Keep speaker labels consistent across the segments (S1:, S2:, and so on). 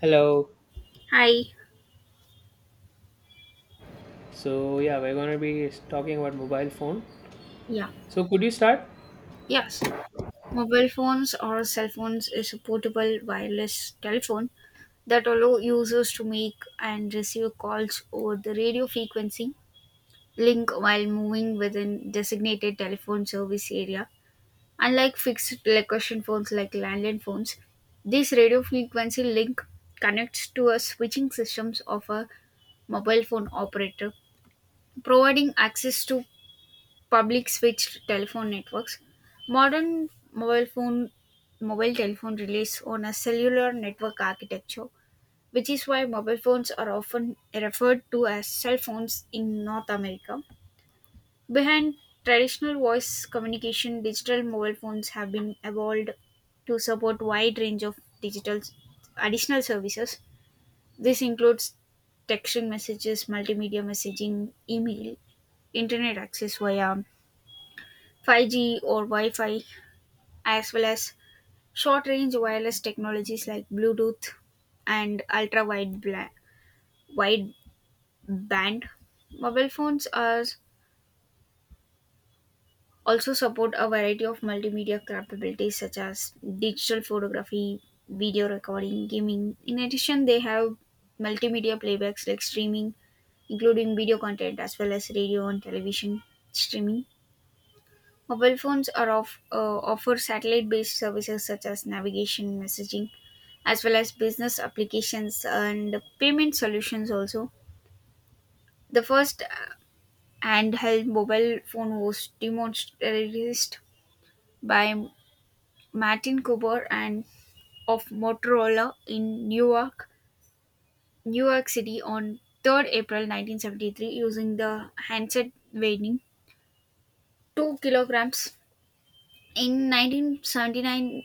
S1: Hello.
S2: Hi.
S1: So yeah, we're gonna be talking about mobile phone.
S2: Yeah.
S1: So could you start?
S2: Yes. Mobile phones or cell phones is a portable wireless telephone that allow users to make and receive calls over the radio frequency link while moving within designated telephone service area. Unlike fixed location phones like landline phones, this radio frequency link connects to a switching systems of a mobile phone operator, providing access to public switched telephone networks. Modern mobile telephone relies on a cellular network architecture, which is why mobile phones are often referred to as cell phones in North America. Behind traditional voice communication, digital mobile phones have been evolved to support wide range of digital additional services. This includes texting messages, multimedia messaging, email, internet access via 5G or Wi-Fi, as well as short-range wireless technologies like Bluetooth and ultra-wide wide band. Mobile phones are also support a variety of multimedia capabilities such as digital photography, video recording, gaming. In addition, they have multimedia playbacks like streaming, including video content as well as radio and television streaming. Mobile phones are offer satellite-based services such as navigation, messaging, as well as business applications and payment solutions. Also, the first handheld mobile phone was demonstrated by Martin Cooper and of Motorola in Newark, New York City on 3rd April 1973 using the handset weighing 2 kilograms. In 1979,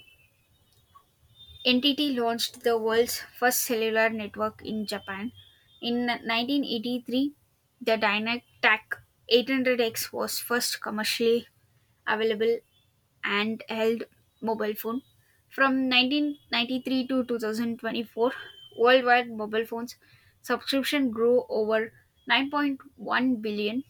S2: NTT launched the world's first cellular network in Japan. In 1983, the Dynatac 800X was first commercially available and held mobile phone. From 1993 to 2024, worldwide mobile phones subscription grew over 9.1 billion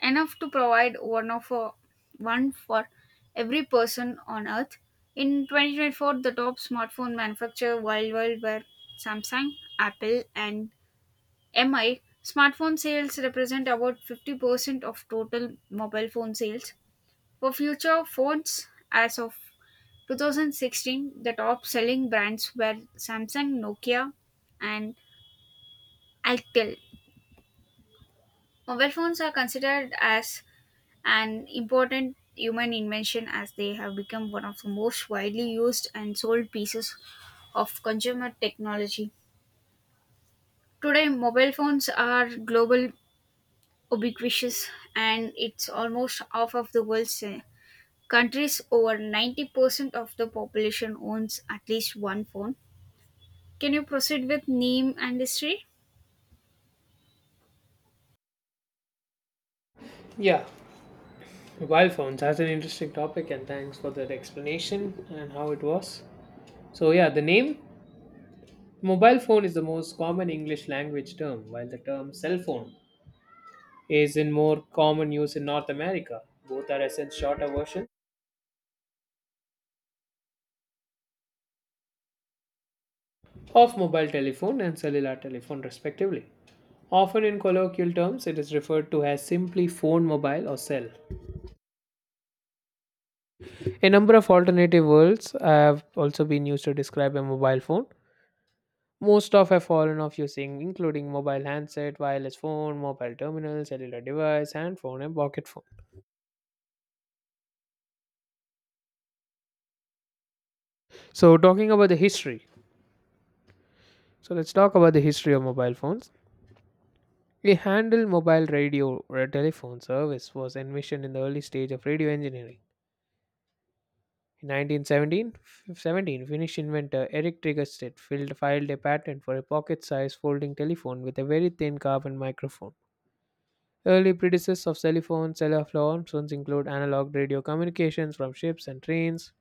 S2: enough to provide one for every person on earth. In 2024, the top smartphone manufacturer worldwide were Samsung, Apple, and MI. Smartphone sales represent about 50% of total mobile phone sales. For future phones, as of 2016, the top selling brands were Samsung, Nokia, and Alcatel. Mobile phones are considered as an important human invention as they have become one of the most widely used and sold pieces of consumer technology. Today, mobile phones are global ubiquitous and it's almost half of the world's countries. Over 90% of the population owns at least one phone. Can you proceed with name and history?
S1: Yeah, mobile phones. That's an interesting topic, and thanks for that explanation and how it was. So yeah, the name mobile phone is the most common English language term, while the term cell phone is in more common use in North America. Both are essence shorter version of mobile telephone and cellular telephone respectively. Often in colloquial terms, it is referred to as simply phone mobile or cell. A number of alternative words have also been used to describe a mobile phone. Most of have fallen off using, including mobile handset, wireless phone, mobile terminal, cellular device, handphone, and pocket phone. So, talking about the history. So, let's talk about the history of mobile phones. A handle mobile radio or telephone service was envisioned in the early stage of radio engineering. In 1917, Finnish inventor Erik Triggerstedt filed a patent for a pocket-sized folding telephone with a very thin carbon microphone. Early predecessors of cellular phones include analog radio communications from ships and trains.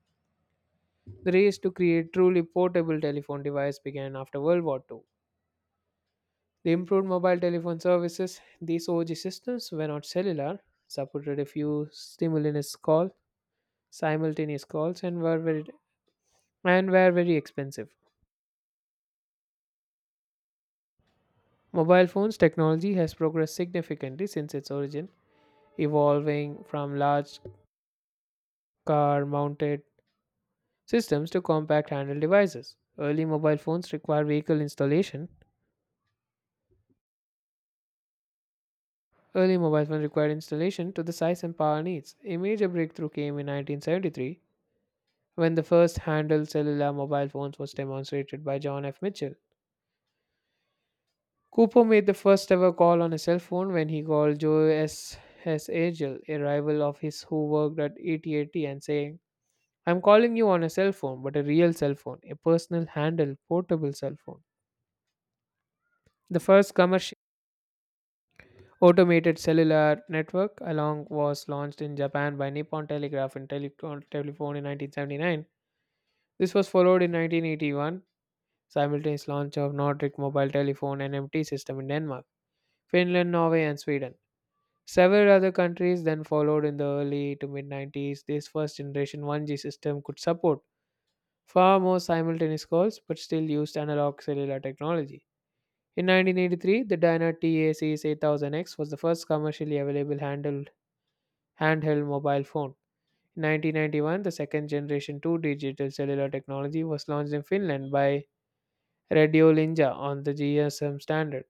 S1: The race to create truly portable telephone device began after World War II. The improved mobile telephone services, these OG systems were not cellular, supported a simultaneous calls, and were very expensive. Mobile phones technology has progressed significantly since its origin, evolving from large car mounted systems to compact handheld devices. Early mobile phones require vehicle installation. Early mobile phones required installation to the size and power needs. A major breakthrough came in 1973 when the first handheld cellular mobile phones was demonstrated by John F. Mitchell. Cooper made the first ever call on a cell phone when he called Joe S. Agel, a rival of his who worked at AT&T, and saying, "I'm calling you on a cell phone, but a real cell phone, a personal handheld portable cell phone." The first commercial Automated cellular network along was launched in Japan by Nippon Telegraph and Telecom Telephone in 1979. This was followed in 1981 simultaneous launch of Nordic mobile telephone NMT system in Denmark, Finland, Norway and Sweden. Several other countries then followed in the early to mid 90s. This first generation 1G system could support far more simultaneous calls but still used analog cellular technology. In 1983, the Dyna TACS 8000X was the first commercially available handheld mobile phone. In 1991, the second generation 2 digital cellular technology was launched in Finland by Radiolinja on the GSM standard.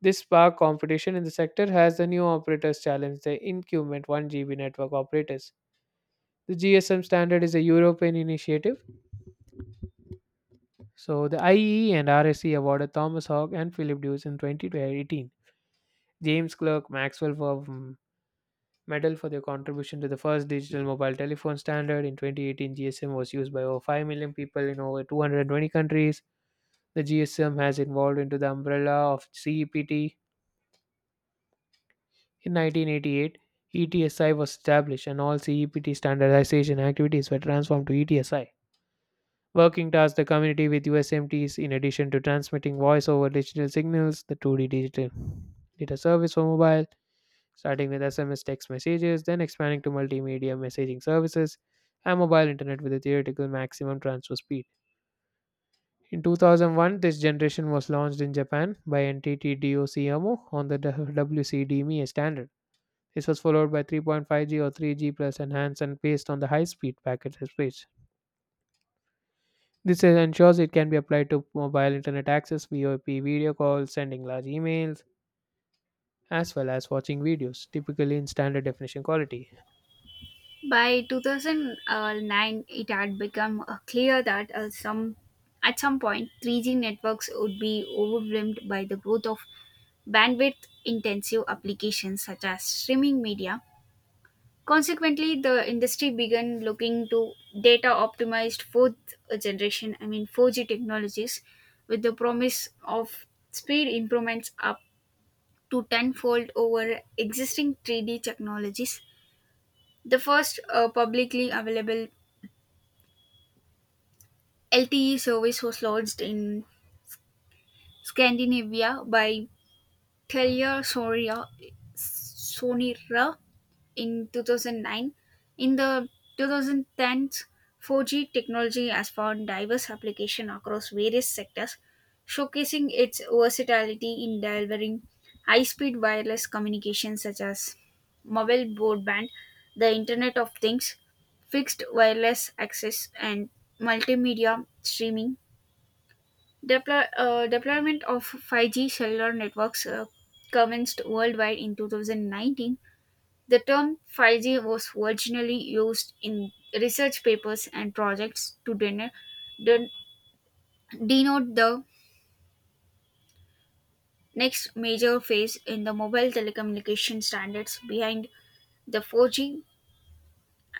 S1: This sparked competition in the sector as the new operators challenged the incumbent 1GB network operators. The GSM standard is a European initiative. So the IEE and RSC awarded Thomas Hogg and Philip Deuce in 2018. James Clerk, Maxwell Verb, medal for their contribution to the first digital mobile telephone standard. In 2018, GSM was used by over 5 million people in over 220 countries. The GSM has evolved into the umbrella of CEPT. In 1988, ETSI was established and all CEPT standardization activities were transformed to ETSI. Working towards the community with USMTs, in addition to transmitting voice over digital signals, the 2D digital data service for mobile starting with SMS text messages, then expanding to multimedia messaging services and mobile internet with a theoretical maximum transfer speed. In 2001, this generation was launched in Japan by NTT DOCOMO on the WCDME standard. This was followed by 3.5G or 3G plus enhanced and based on the high-speed packet space. This ensures it can be applied to mobile internet access, VoIP video calls, sending large emails, as well as watching videos, typically in standard definition quality.
S2: By 2009, it had become clear that at some point 3G networks would be overwhelmed by the growth of bandwidth intensive applications such as streaming media. Consequently, the industry began looking to data optimized fourth generation, I mean 4G technologies, with the promise of speed improvements up to tenfold over existing 3D technologies. The first publicly available LTE service was launched in Scandinavia by Telia Sonera in 2009. In the 2010s, 4G technology has found diverse application across various sectors, showcasing its versatility in delivering high-speed wireless communication such as mobile broadband, the Internet of Things, fixed wireless access, and multimedia streaming. Deployment of 5G cellular networks commenced worldwide in 2019. The term 5G was originally used in research papers and projects to den- denote the next major phase in the mobile telecommunication standards behind the 4G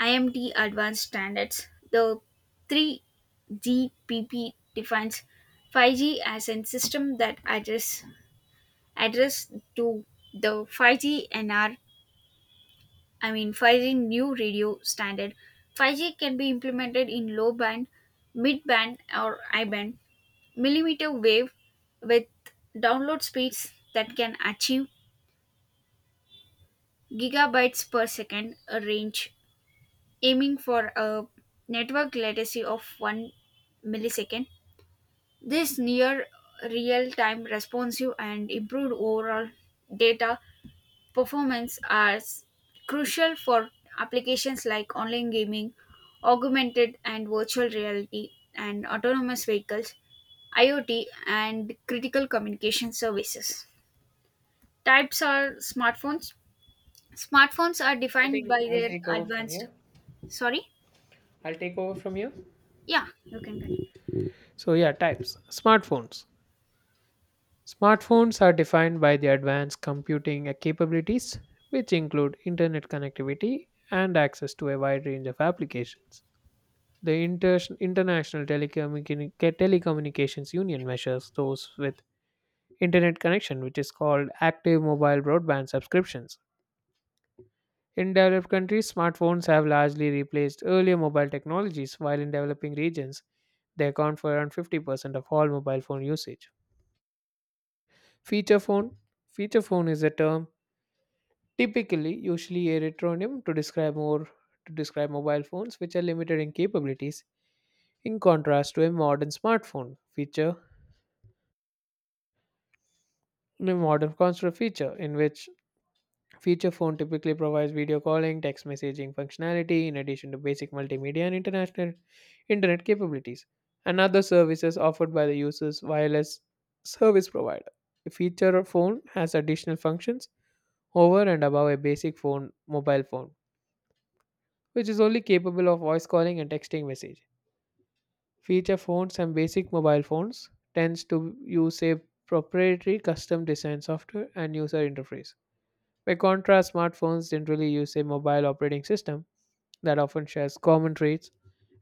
S2: IMT advanced standards. The 3GPP defines 5G as a system that addresses addressed to the 5G NR, I mean 5G new radio standard. 5G can be implemented in low band, mid band, or I band, millimeter wave with download speeds that can achieve gigabytes per second a range, aiming for a network latency of 1 millisecond. This near real time responsive and improved overall data performance are crucial for applications like online gaming, augmented and virtual reality, and autonomous vehicles, IoT, and critical communication services. Types are smartphones. Smartphones are
S1: I
S2: defined
S1: think
S2: by
S1: I'll
S2: their
S1: take over from here.
S2: advanced. Sorry?
S1: I'll take over from here.
S2: Yeah, you can continue.
S1: So, yeah, types. Smartphones. Smartphones are defined by the advanced computing capabilities, which include internet connectivity and access to a wide range of applications. The International Telecommunications Union measures those with internet connection, which is called active mobile broadband subscriptions. In developed countries, smartphones have largely replaced earlier mobile technologies, while in developing regions, they account for around 50% of all mobile phone usage. Feature phone. Feature phone is a term typically usually a retronym to describe mobile phones which are limited in capabilities in contrast to a modern smartphone. Feature The modern calls to a feature, in which feature phone typically provides video calling, text messaging functionality, in addition to basic multimedia and international internet capabilities, and other services offered by the user's wireless service provider. A feature phone has additional functions over and above a basic phone mobile phone, which is only capable of voice calling and texting message. Feature phones and basic mobile phones tends to use a proprietary custom design software and user interface. By contrast, smartphones generally use a mobile operating system that often shares common traits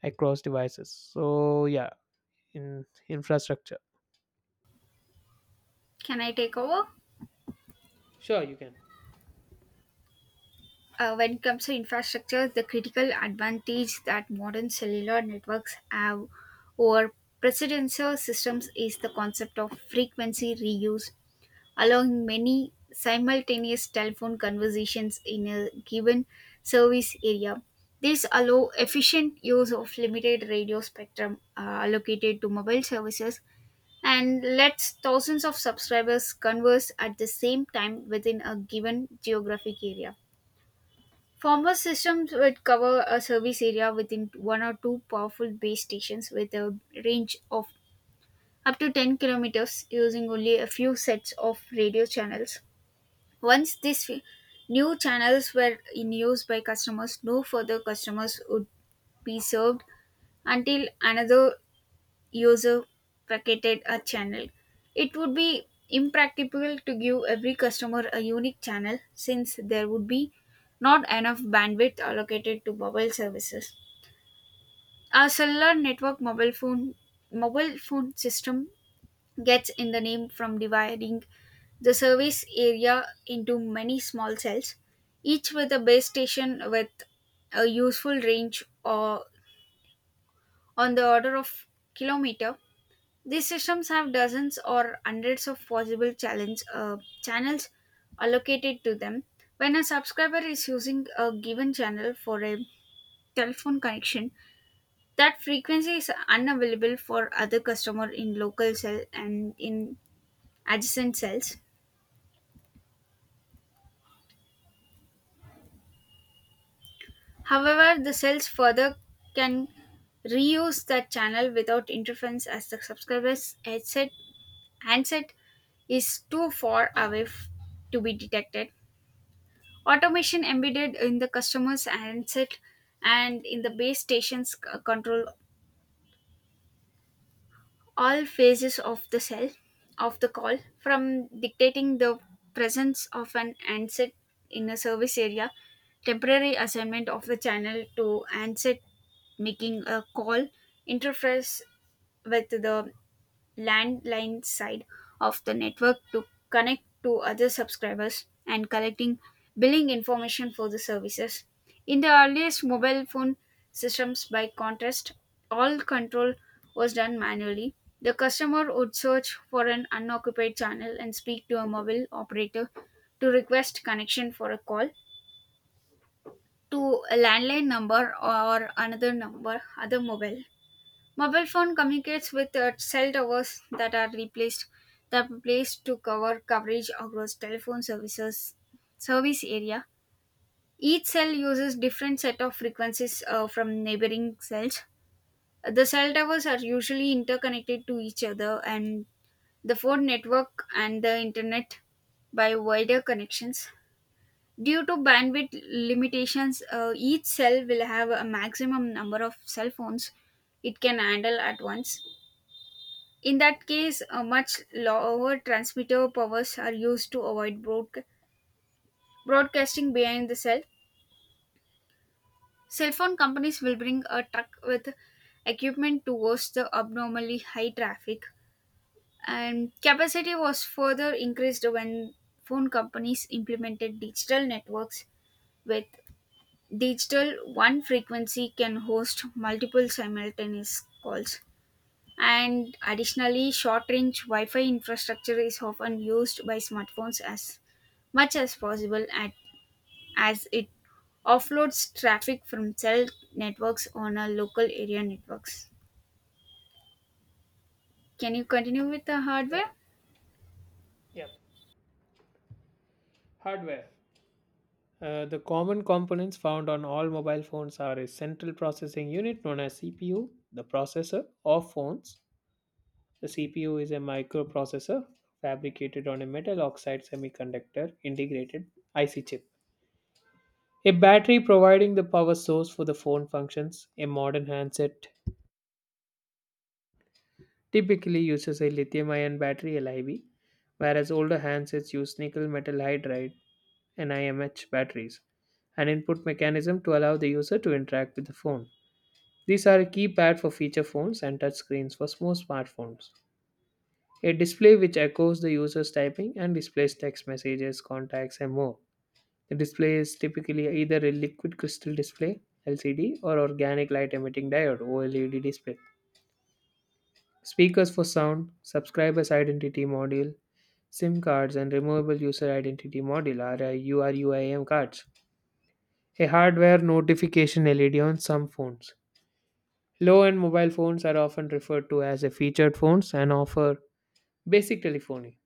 S1: across devices. So, yeah, in infrastructure.
S2: Can I take over?
S1: Sure, you can.
S2: When it comes to infrastructure, the critical advantage that modern cellular networks have over precedential systems is the concept of frequency reuse, allowing many simultaneous telephone conversations in a given service area. This allow efficient use of limited radio spectrum allocated to mobile services and lets thousands of subscribers converse at the same time within a given geographic area. Former systems would cover a service area within one or two powerful base stations with a range of up to 10 kilometers using only a few sets of radio channels. Once these new channels were in use by customers, no further customers would be served until another user packeted a channel. It would be impractical to give every customer a unique channel since there would be not enough bandwidth allocated to mobile services. Our cellular network mobile phone system gets in the name from dividing the service area into many small cells, each with a base station with a useful range or on the order of kilometer. These systems have dozens or hundreds of possible channels allocated to them. When a subscriber is using a given channel for a telephone connection, that frequency is unavailable for other customer in local cell and in adjacent cells. However, the cells further can reuse that channel without interference as the subscriber's headset handset is too far away to be detected. Automation embedded in the customer's handset and in the base stations control all phases of the cell of the call from dictating the presence of an handset in a service area, temporary assignment of the channel to handset, making a call, interface with the landline side of the network to connect to other subscribers, and collecting billing information for the services. In the earliest mobile phone systems, by contrast, all control was done manually. The customer would search for an unoccupied channel and speak to a mobile operator to request connection for a call to a landline number or another number, other mobile. Mobile phone communicates with cell towers that are placed to coverage across telephone services service area. Each cell uses different set of frequencies from neighboring cells. The cell towers are usually interconnected to each other and the phone network and the internet by wider connections. Due to bandwidth limitations, each cell will have a maximum number of cell phones it can handle at once. In that case, a much lower transmitter powers are used to avoid broadcasting behind the cell. Cell phone companies will bring a truck with equipment to host the abnormally high traffic, and capacity was further increased when phone companies implemented digital networks with digital one frequency can host multiple simultaneous calls, and additionally short range wi-fi infrastructure is often used by smartphones as much as possible as it offloads traffic from cell networks on a local area networks. Can you continue with the
S1: Sure.
S2: hardware?
S1: Yep. Hardware. The common components found on all mobile phones are a central processing unit known as CPU, the processor of phones. The CPU is a microprocessor fabricated on a metal oxide semiconductor integrated IC chip. A battery providing the power source for the phone functions. A modern handset typically uses a lithium ion battery LIB, whereas older handsets use nickel metal hydride NIMH batteries, an input mechanism to allow the user to interact with the phone. These are a keypad for feature phones and touchscreens for small smartphones. A display which echoes the user's typing and displays text messages, contacts, and more. The display is typically either a liquid crystal display (LCD) or organic light emitting diode (OLED) display. Speakers for sound, subscriber's identity module, SIM cards, and removable user identity module are URUIM cards. A hardware notification LED on some phones. Low-end mobile phones are often referred to as a featured phones and offer basic telephony,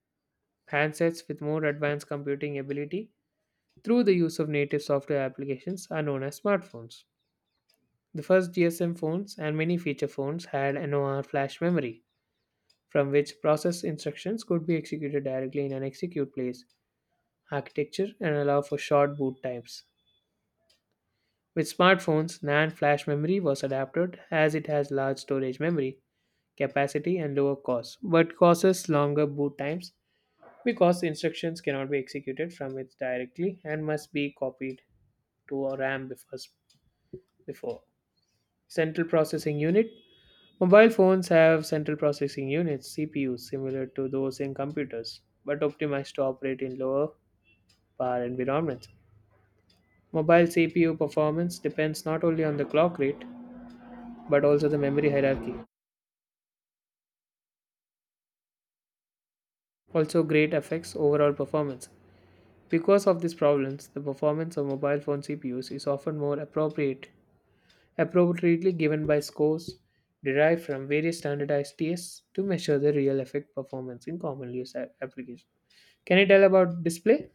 S1: handsets with more advanced computing ability through the use of native software applications are known as smartphones. The first GSM phones and many feature phones had NOR flash memory, from which process instructions could be executed directly in an execute place architecture and allow for short boot times. With smartphones, NAND flash memory was adapted as it has large storage memory capacity and lower cost, but causes longer boot times because instructions cannot be executed from it directly and must be copied to a RAM before. Central processing unit. Mobile phones have central processing units (CPUs) similar to those in computers, but optimized to operate in lower power environments. Mobile CPU performance depends not only on the clock rate but also the memory hierarchy. Also, great affects overall performance. Because of these problems, the performance of mobile phone CPUs is often more appropriately given by scores derived from various standardized tests to measure the real effect performance in commonly used applications. Can you tell about display?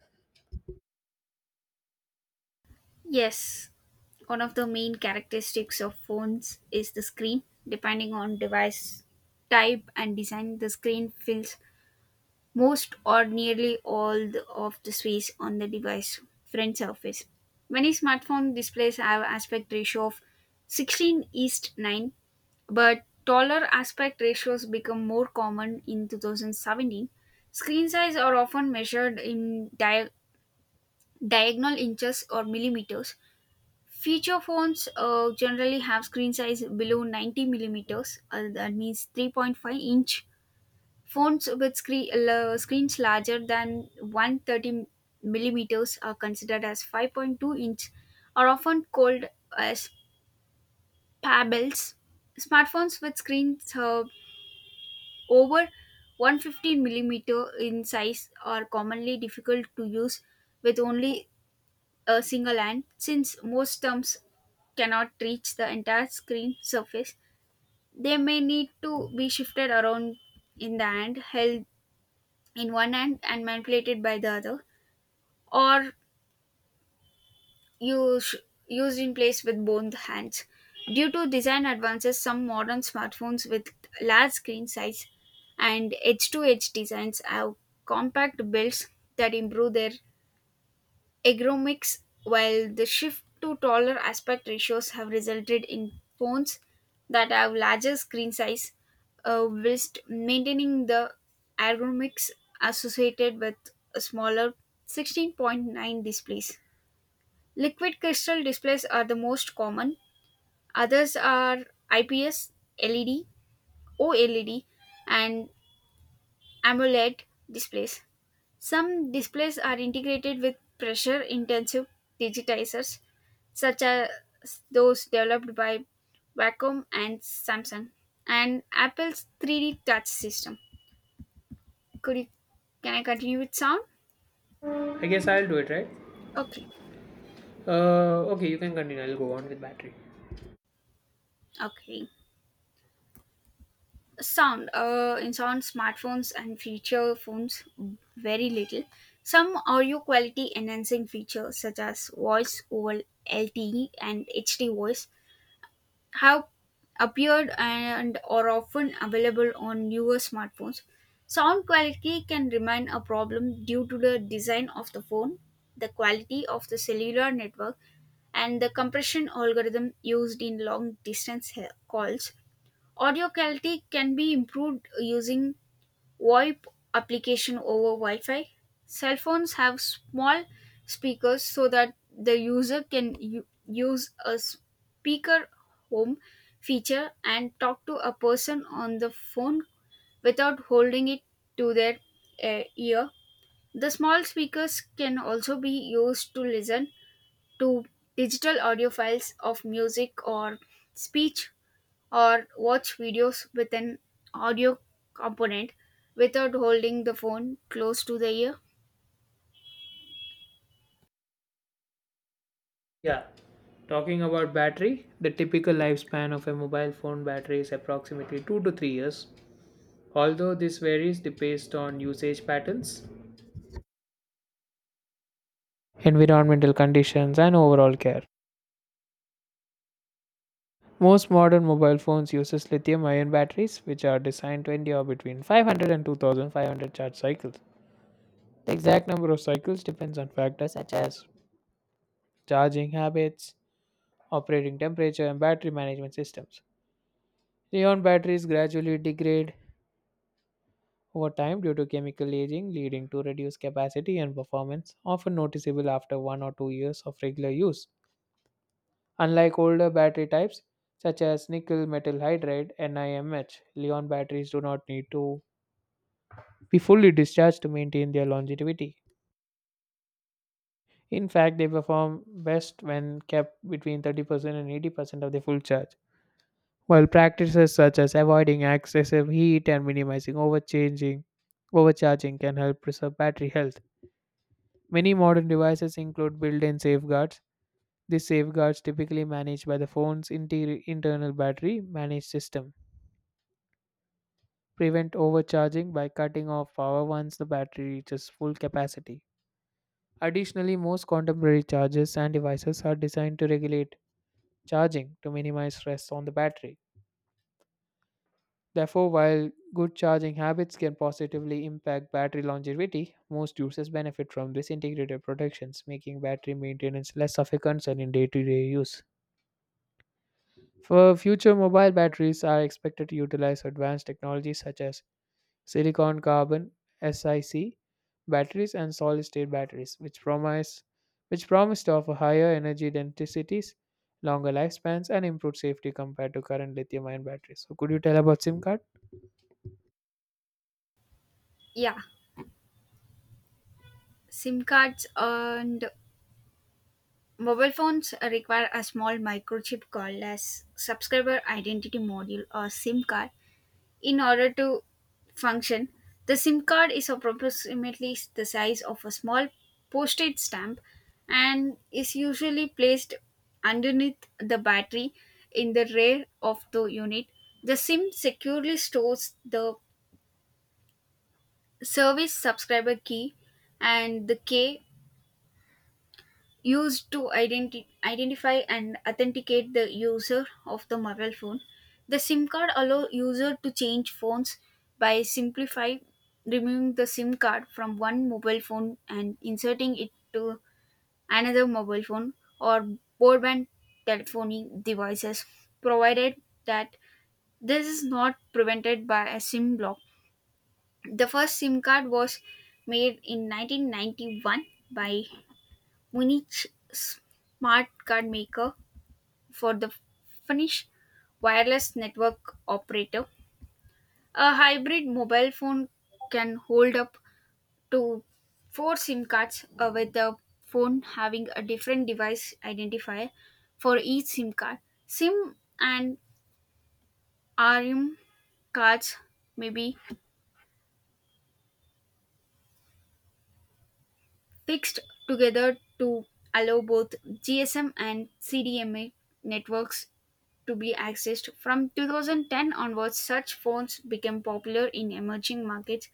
S2: Yes. One of the main characteristics of phones is the screen. Depending on device type and design, the screen fills most or nearly all of the space on the device front surface. Many smartphone displays have aspect ratio of 16 east 9. But taller aspect ratios become more common in 2017. Screen size are often measured in diagonal inches or millimeters. Feature phones generally have screen size below 90 millimeters, that means 3.5 inch. Phones with screens larger than 130 millimeters are considered as 5.2-inch, are often called as pebbles. Smartphones with screens over 115 millimeter in size are commonly difficult to use with only a single hand since most stumps cannot reach the entire screen surface. They may need to be shifted around in the hand, held in one hand, and manipulated by the other, or use, used in place with both hands. Due to design advances, some modern smartphones with large screen size and edge to edge designs have compact builds that improve their ergonomics, while the shift to taller aspect ratios have resulted in phones that have larger screen size whilst maintaining the ergonomics associated with a smaller 16.9 displays. Liquid crystal displays are the most common. Others are IPS, LED, OLED, and AMOLED displays. Some displays are integrated with pressure intensive digitizers, such as those developed by Wacom and Samsung, and Apple's 3D touch system. Could you, can I continue with sound?
S1: I guess I'll do it, right?
S2: Okay,
S1: Okay, you can continue. I'll go on with battery.
S2: okay. Sound. In sound, smartphones and feature phones, very little. Some audio quality enhancing features such as voice over LTE and HD voice have appeared and are often available on newer smartphones. Sound quality can remain a problem due to the design of the phone, the quality of the cellular network, and the compression algorithm used in long distance calls. Audio quality can be improved using VoIP application over Wi-Fi. Cell phones have small speakers so that the user can use a speaker home feature and talk to a person on the phone without holding it to their ear. The small speakers can also be used to listen to digital audio files of music or speech or watch videos with an audio component without holding the phone close to the ear.
S1: Yeah. Talking about battery, the typical lifespan of a mobile phone battery is approximately 2 to 3 years. Although this varies based on usage patterns, environmental conditions, and overall care. Most modern mobile phones use lithium-ion batteries which are designed to endure between 500 and 2500 charge cycles. The exact number of cycles depends on factors such as charging habits, operating temperature, and battery management systems. Li-ion batteries gradually degrade over time due to chemical aging, leading to reduced capacity and performance, often noticeable after 1 or 2 years of regular use. Unlike older battery types, such as nickel metal hydride NIMH, Li-ion batteries do not need to be fully discharged to maintain their longevity. In fact, they perform best when kept between 30% and 80% of their full charge. While practices such as avoiding excessive heat and minimizing overcharging can help preserve battery health. Many modern devices include built-in safeguards. These safeguards typically managed by the phone's internal battery managed system prevent overcharging by cutting off power once the battery reaches full capacity. Additionally, most contemporary chargers and devices are designed to regulate charging to minimize stress on the battery. Therefore, while good charging habits can positively impact battery longevity, most users benefit from this integrated protections, making battery maintenance less of a concern in day to day use. For future mobile batteries are expected to utilize advanced technologies such as silicon carbon SiC batteries and solid state batteries, which promise to offer higher energy densities, longer lifespans, and improved safety compared to current lithium ion batteries. So, could you tell about SIM card?
S2: Yeah, SIM cards and mobile phones require a small microchip called as subscriber identity module or SIM card. In order to function, the SIM card is approximately the size of a small postage stamp and is usually placed underneath the battery in the rear of the unit. The SIM securely stores the service subscriber key and the K used to identify and authenticate the user of the mobile phone. The SIM card allow user to change phones by simplify removing the SIM card from one mobile phone and inserting it to another mobile phone or broadband telephony devices, provided that this is not prevented by a SIM block. The first SIM card was made in 1991 by Munich's smart card maker for the Finnish wireless network operator. A hybrid mobile phone can hold up to four SIM cards, with the phone having a different device identifier for each SIM card. SIM and RM cards may be fixed together to allow both GSM and CDMA networks to be accessed. From 2010 onwards, such phones became popular in emerging markets,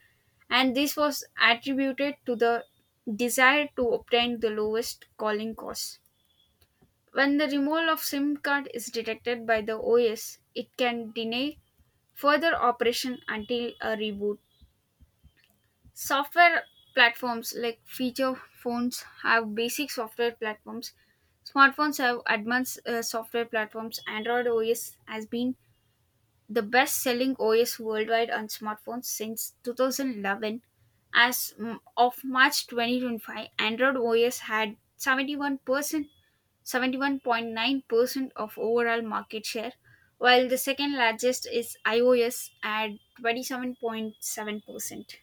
S2: and this was attributed to the desire to obtain the lowest calling costs. When the removal of SIM card is detected by the OS, it can deny further operation until a reboot. Software platforms like feature phones have basic software platforms. Smartphones have advanced software platforms. Android OS has been the best selling OS worldwide on smartphones since 2011. As of March 2025, Android OS had 71%, 71.9% of overall market share, while the second largest is iOS at 27.7%.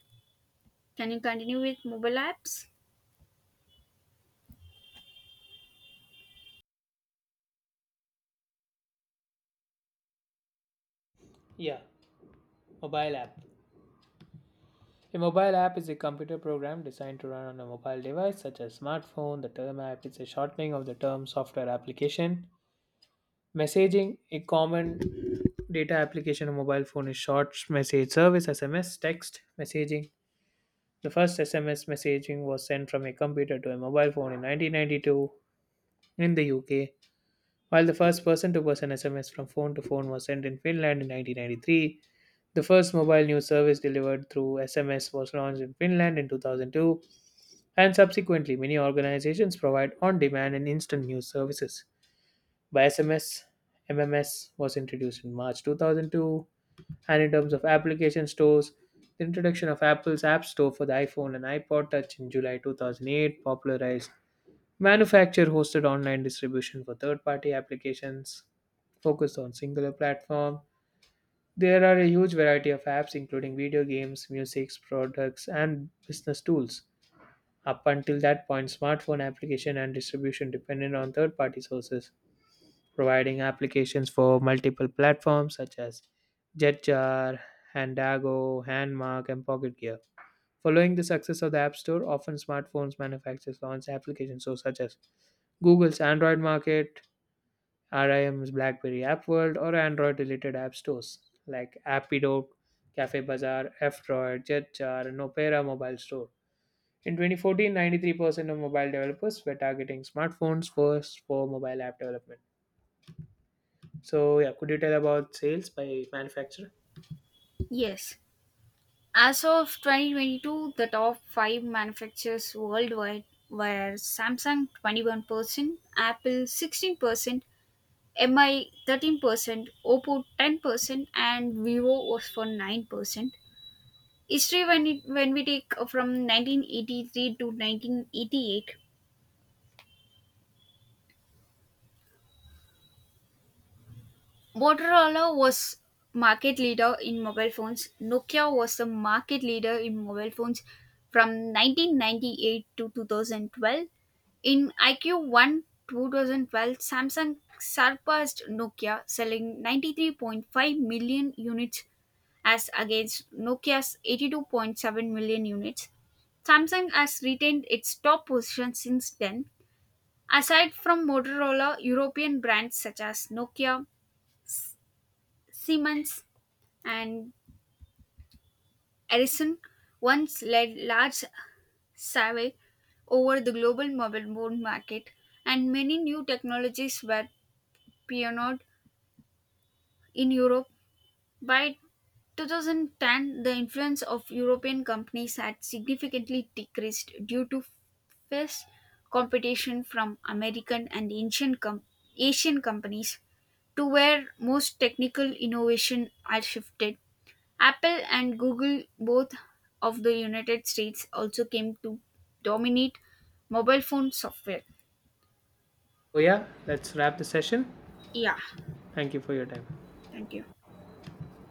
S2: Can you continue with mobile apps?
S1: Yeah, mobile app. A mobile app is a computer program designed to run on a mobile device such as smartphone. The term app is a shortening of the term software application. Messaging, a common data application on mobile phone is short message service SMS text messaging. The first SMS messaging was sent from a computer to a mobile phone in 1992 in the UK, while the first person to person SMS from phone to phone was sent in Finland in 1993. The first mobile news service delivered through SMS was launched in Finland in 2002. And subsequently, many organizations provide on demand and instant news services. By SMS, MMS was introduced in March 2002, and in terms of application stores, the introduction of Apple's App Store for the iPhone and iPod Touch in July 2008 popularized manufacturer hosted online distribution for third party applications focused on singular platform. There are a huge variety of apps including video games, music, products and business tools. Up until that point, smartphone application and distribution depended on third party sources, providing applications for multiple platforms such as Jetjar, Handago, Handmark, and Pocket Gear. Following the success of the App Store, often smartphones manufacturers launched applications so such as Google's Android Market, RIM's BlackBerry App World, or Android related app stores like Appido, Cafe Bazaar, F Droid, Jetjar, and Opera Mobile Store. In 2014, 93% of mobile developers were targeting smartphones first for mobile app development. So, yeah, could you tell about sales by manufacturer?
S2: Yes. As of 2022, the top five manufacturers worldwide were Samsung 21%, Apple 16%, MI 13%, Oppo 10%, and Vivo was for 9%. History when we take from 1983 to 1988, Motorola was market leader in mobile phones. Nokia was the market leader in mobile phones from 1998 to 2012. In IQ1 2012, Samsung surpassed Nokia, selling 93.5 million units as against Nokia's 82.7 million units. Samsung has retained its top position since then. Aside from Motorola, European brands such as Nokia, Siemens, and Ericsson once led large survey over the global mobile phone market, and many new technologies were pioneered in Europe by 2010, the influence of European companies had significantly decreased due to fierce competition from American and Asian companies, to where most technical innovation had shifted. Apple and Google, both of the United States, also came to dominate mobile phone software.
S1: So, yeah, let's wrap the session.
S2: Yeah,
S1: Thank you for your time.
S2: thank you.